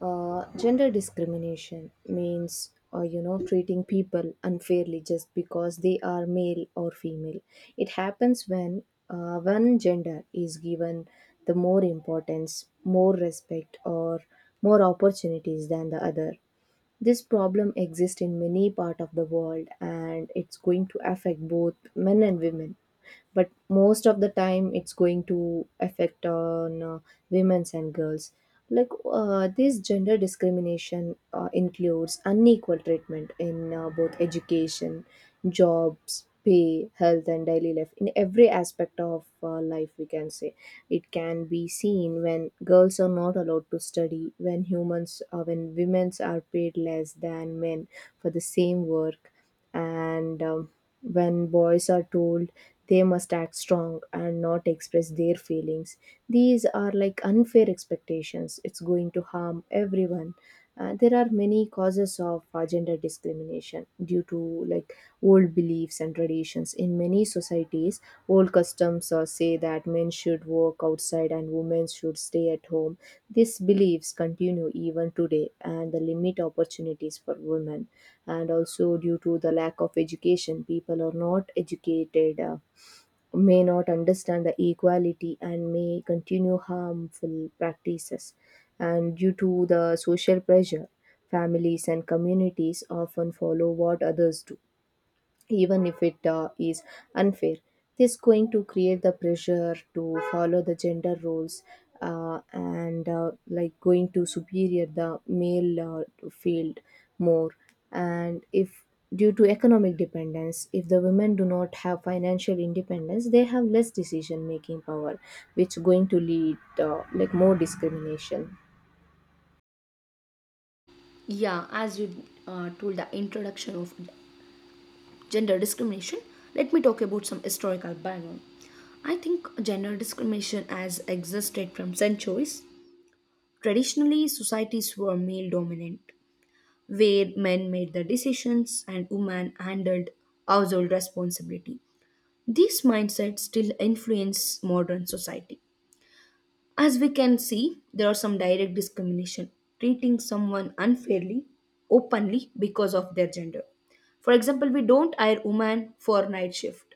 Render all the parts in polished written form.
Gender discrimination means treating people unfairly just because they are male or female. It happens when one gender is given the more importance, more respect, or more opportunities than the other. This problem exists in many part of the world, and it's going to affect both men and women. But most of the time, it's going to affect on women's and girls. Like this gender discrimination includes unequal treatment in both education, jobs, pay, health, and daily life. In every aspect of life, we can say it can be seen when girls are not allowed to study, when humans, when women are paid less than men for the same work, and when boys are told they must act strong and not express their feelings. These are like unfair expectations. It's going to harm everyone. There are many causes of gender discrimination due to like old beliefs and traditions in many societies. Old customs say that men should work outside and women should stay at home. These beliefs continue even today, and they limit opportunities for women. And also, due to the lack of education, people are not educated, may not understand the equality, and may continue harmful practices. And due to the social pressure, families and communities often follow what others do even if it is unfair. This going to create the pressure to follow the gender roles, and like going to superior the male field more. And if, due to economic dependence, if the women do not have financial independence, they have less decision making power, which going to lead like more discrimination. Yeah, as you told the introduction of gender discrimination, let me talk about some historical background. I think gender discrimination has existed from centuries. Traditionally, societies were male dominant, where men made the decisions and women handled household responsibility. This mindset still influences modern society. As we can see, there are some direct discrimination, treating someone unfairly, openly because of their gender. For example, we don't hire women for night shift,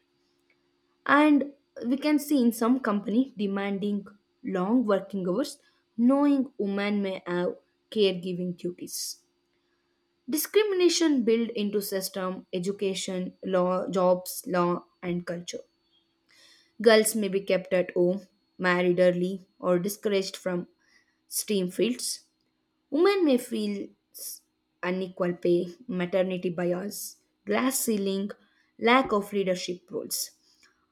and we can see in some company demanding long working hours, knowing women may have caregiving duties. Discrimination built into system, education, law, jobs, law, and culture. Girls may be kept at home, married early, or discouraged from STEAM fields. Women may feel unequal pay, maternity bias, glass ceiling, lack of leadership roles,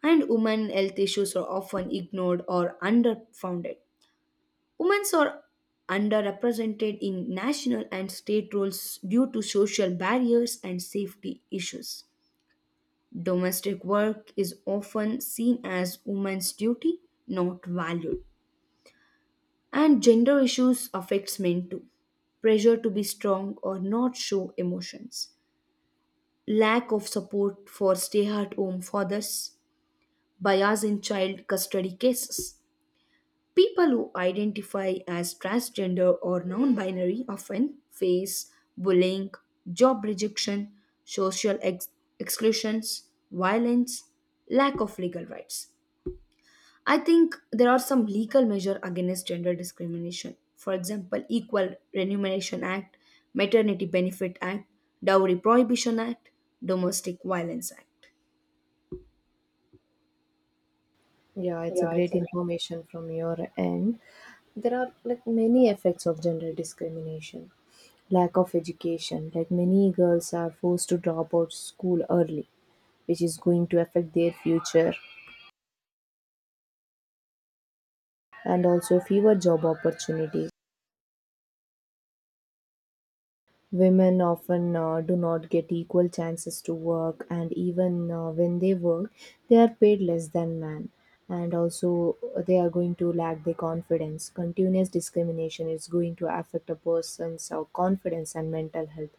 and women health issues are often ignored or underfounded. Women are underrepresented in national and state roles due to social barriers and safety issues. Domestic work is often seen as women's duty, not valued. And gender issues affects men too. Pressure to be strong or not show emotions. Lack of support for stay-at-home fathers. Bias in child custody cases. People who identify as transgender or non-binary often face bullying, job rejection, social ex- exclusions, violence, lack of legal rights. I think there are some legal measures against gender discrimination. For example, Equal Remuneration Act, Maternity Benefit Act, Dowry Prohibition Act, Domestic Violence Act. Yeah, it's a Yeah, it's great a information from your end. There are like many effects of gender discrimination. Lack of education, like many girls are forced to drop out school early, which is going to affect their future, and also fewer job opportunities. Women often do not get equal chances to work, and even when they work, they are paid less than men. And also, they are going to lack their confidence. Continuous discrimination is going to affect a person's confidence and mental health.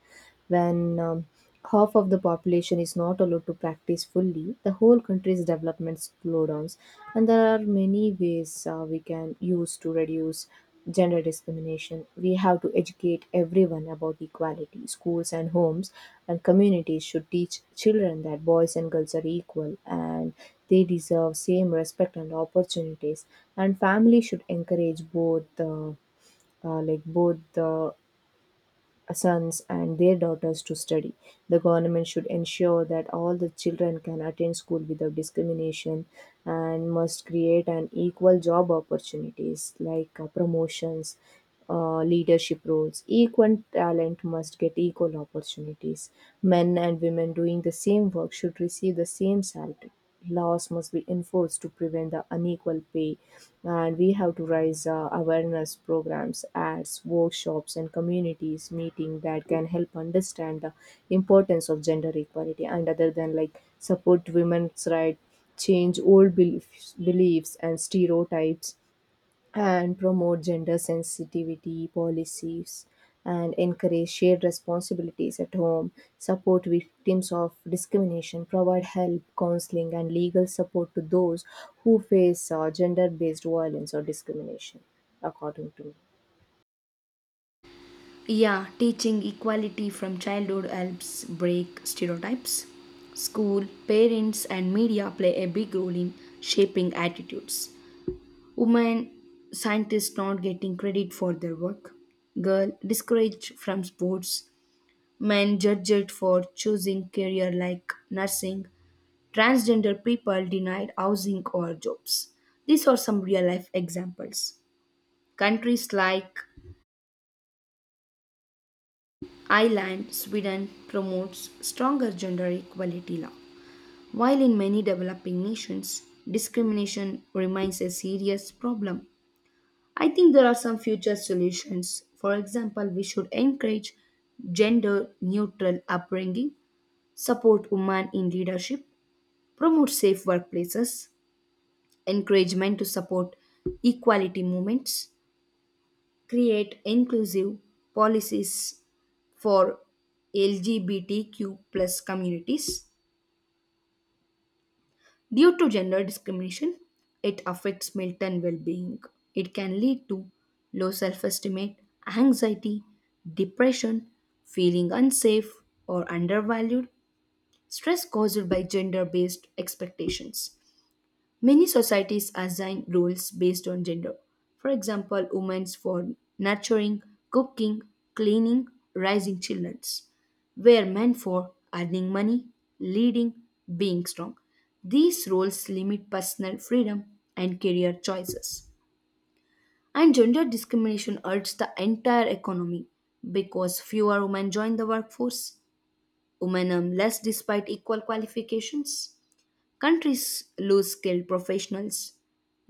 When half of the population is not allowed to practice fully, the whole country's development slowdowns. And there are many ways we can use to reduce gender discrimination. We have to educate everyone about equality. Schools and homes and communities should teach children that boys and girls are equal, and they deserve same respect and opportunities. And family should encourage both. Like both the sons and their daughters to study. The government should ensure that all the children can attend school without discrimination, and must create an equal job opportunities like promotions, leadership roles. Equal talent must get equal opportunities. Men and women doing the same work should receive the same salary. Laws must be enforced to prevent the unequal pay, and we have to raise awareness programs, ads, workshops, and communities meeting that can help understand the importance of gender equality, and other than like support women's right, change old beliefs, and stereotypes, and promote gender sensitivity policies, and encourage shared responsibilities at home, support victims of discrimination, provide help, counseling, and legal support to those who face gender based violence or discrimination, according to Yeah, teaching equality from childhood helps break stereotypes. School, parents, and media play a big role in shaping attitudes. Women scientists not getting credit for their work. Girl discouraged from sports. Men judged for choosing career like nursing, transgender people denied housing or jobs. These are some real life examples. Countries like Ireland, Sweden promotes stronger gender equality law. While in many developing nations, discrimination remains a serious problem. I think there are some future solutions. For example, we should encourage gender neutral upbringing, support women in leadership, promote safe workplaces, encourage men to support equality movements, create inclusive policies for LGBTQ plus communities. Due to gender discrimination, it affects mental well-being. It can lead to low self-esteem, anxiety, depression, feeling unsafe or undervalued, stress caused by gender-based expectations. Many societies assign roles based on gender. For example, women for nurturing, cooking, cleaning, raising children, where men for earning money, leading, being strong. These roles limit personal freedom and career choices. And gender discrimination hurts the entire economy because fewer women join the workforce, women earn less despite equal qualifications. Countries lose skilled professionals.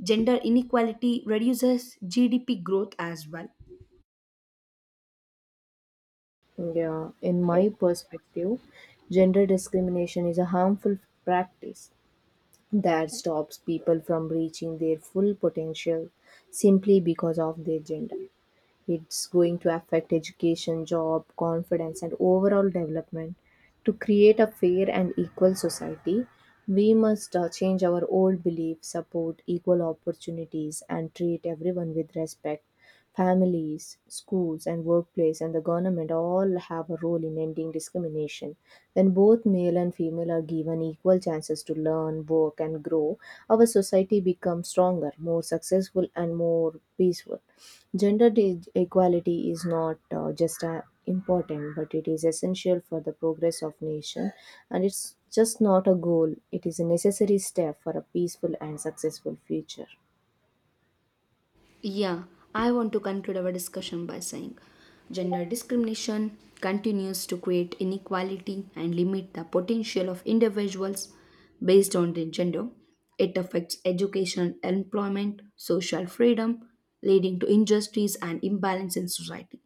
Gender inequality reduces GDP growth as well. me. Yeah, in my perspective, gender discrimination is a harmful practice that stops people from reaching their full potential simply because of their gender. It's going to affect education, job, confidence, and overall development. To create a fair and equal society, we must change our old beliefs, support equal opportunities, and treat everyone with respect. Families, schools, and workplace, and the government all have a role in ending discrimination. When both male and female are given equal chances to learn, work, and grow, our society becomes stronger, more successful, and more peaceful. Equality is not just important, but it is essential for the progress of nation, and it's just not a goal. It is a necessary step for a peaceful and successful future. Yeah, I want to conclude our discussion by saying gender discrimination continues to create inequality and limit the potential of individuals based on their gender. It affects education, employment, social freedom, leading to injustice and imbalance in society.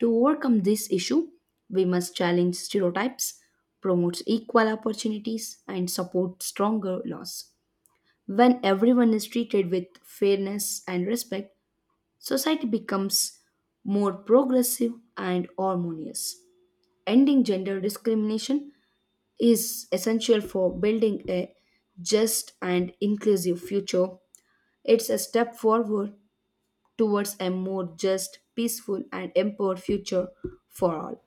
To overcome this issue, we must challenge stereotypes, promote equal opportunities, and support stronger laws. When everyone is treated with fairness and respect, society becomes more progressive and harmonious. Ending gender discrimination is essential for building a just and inclusive future. It's a step forward towards a more just, peaceful, and empowered future for all.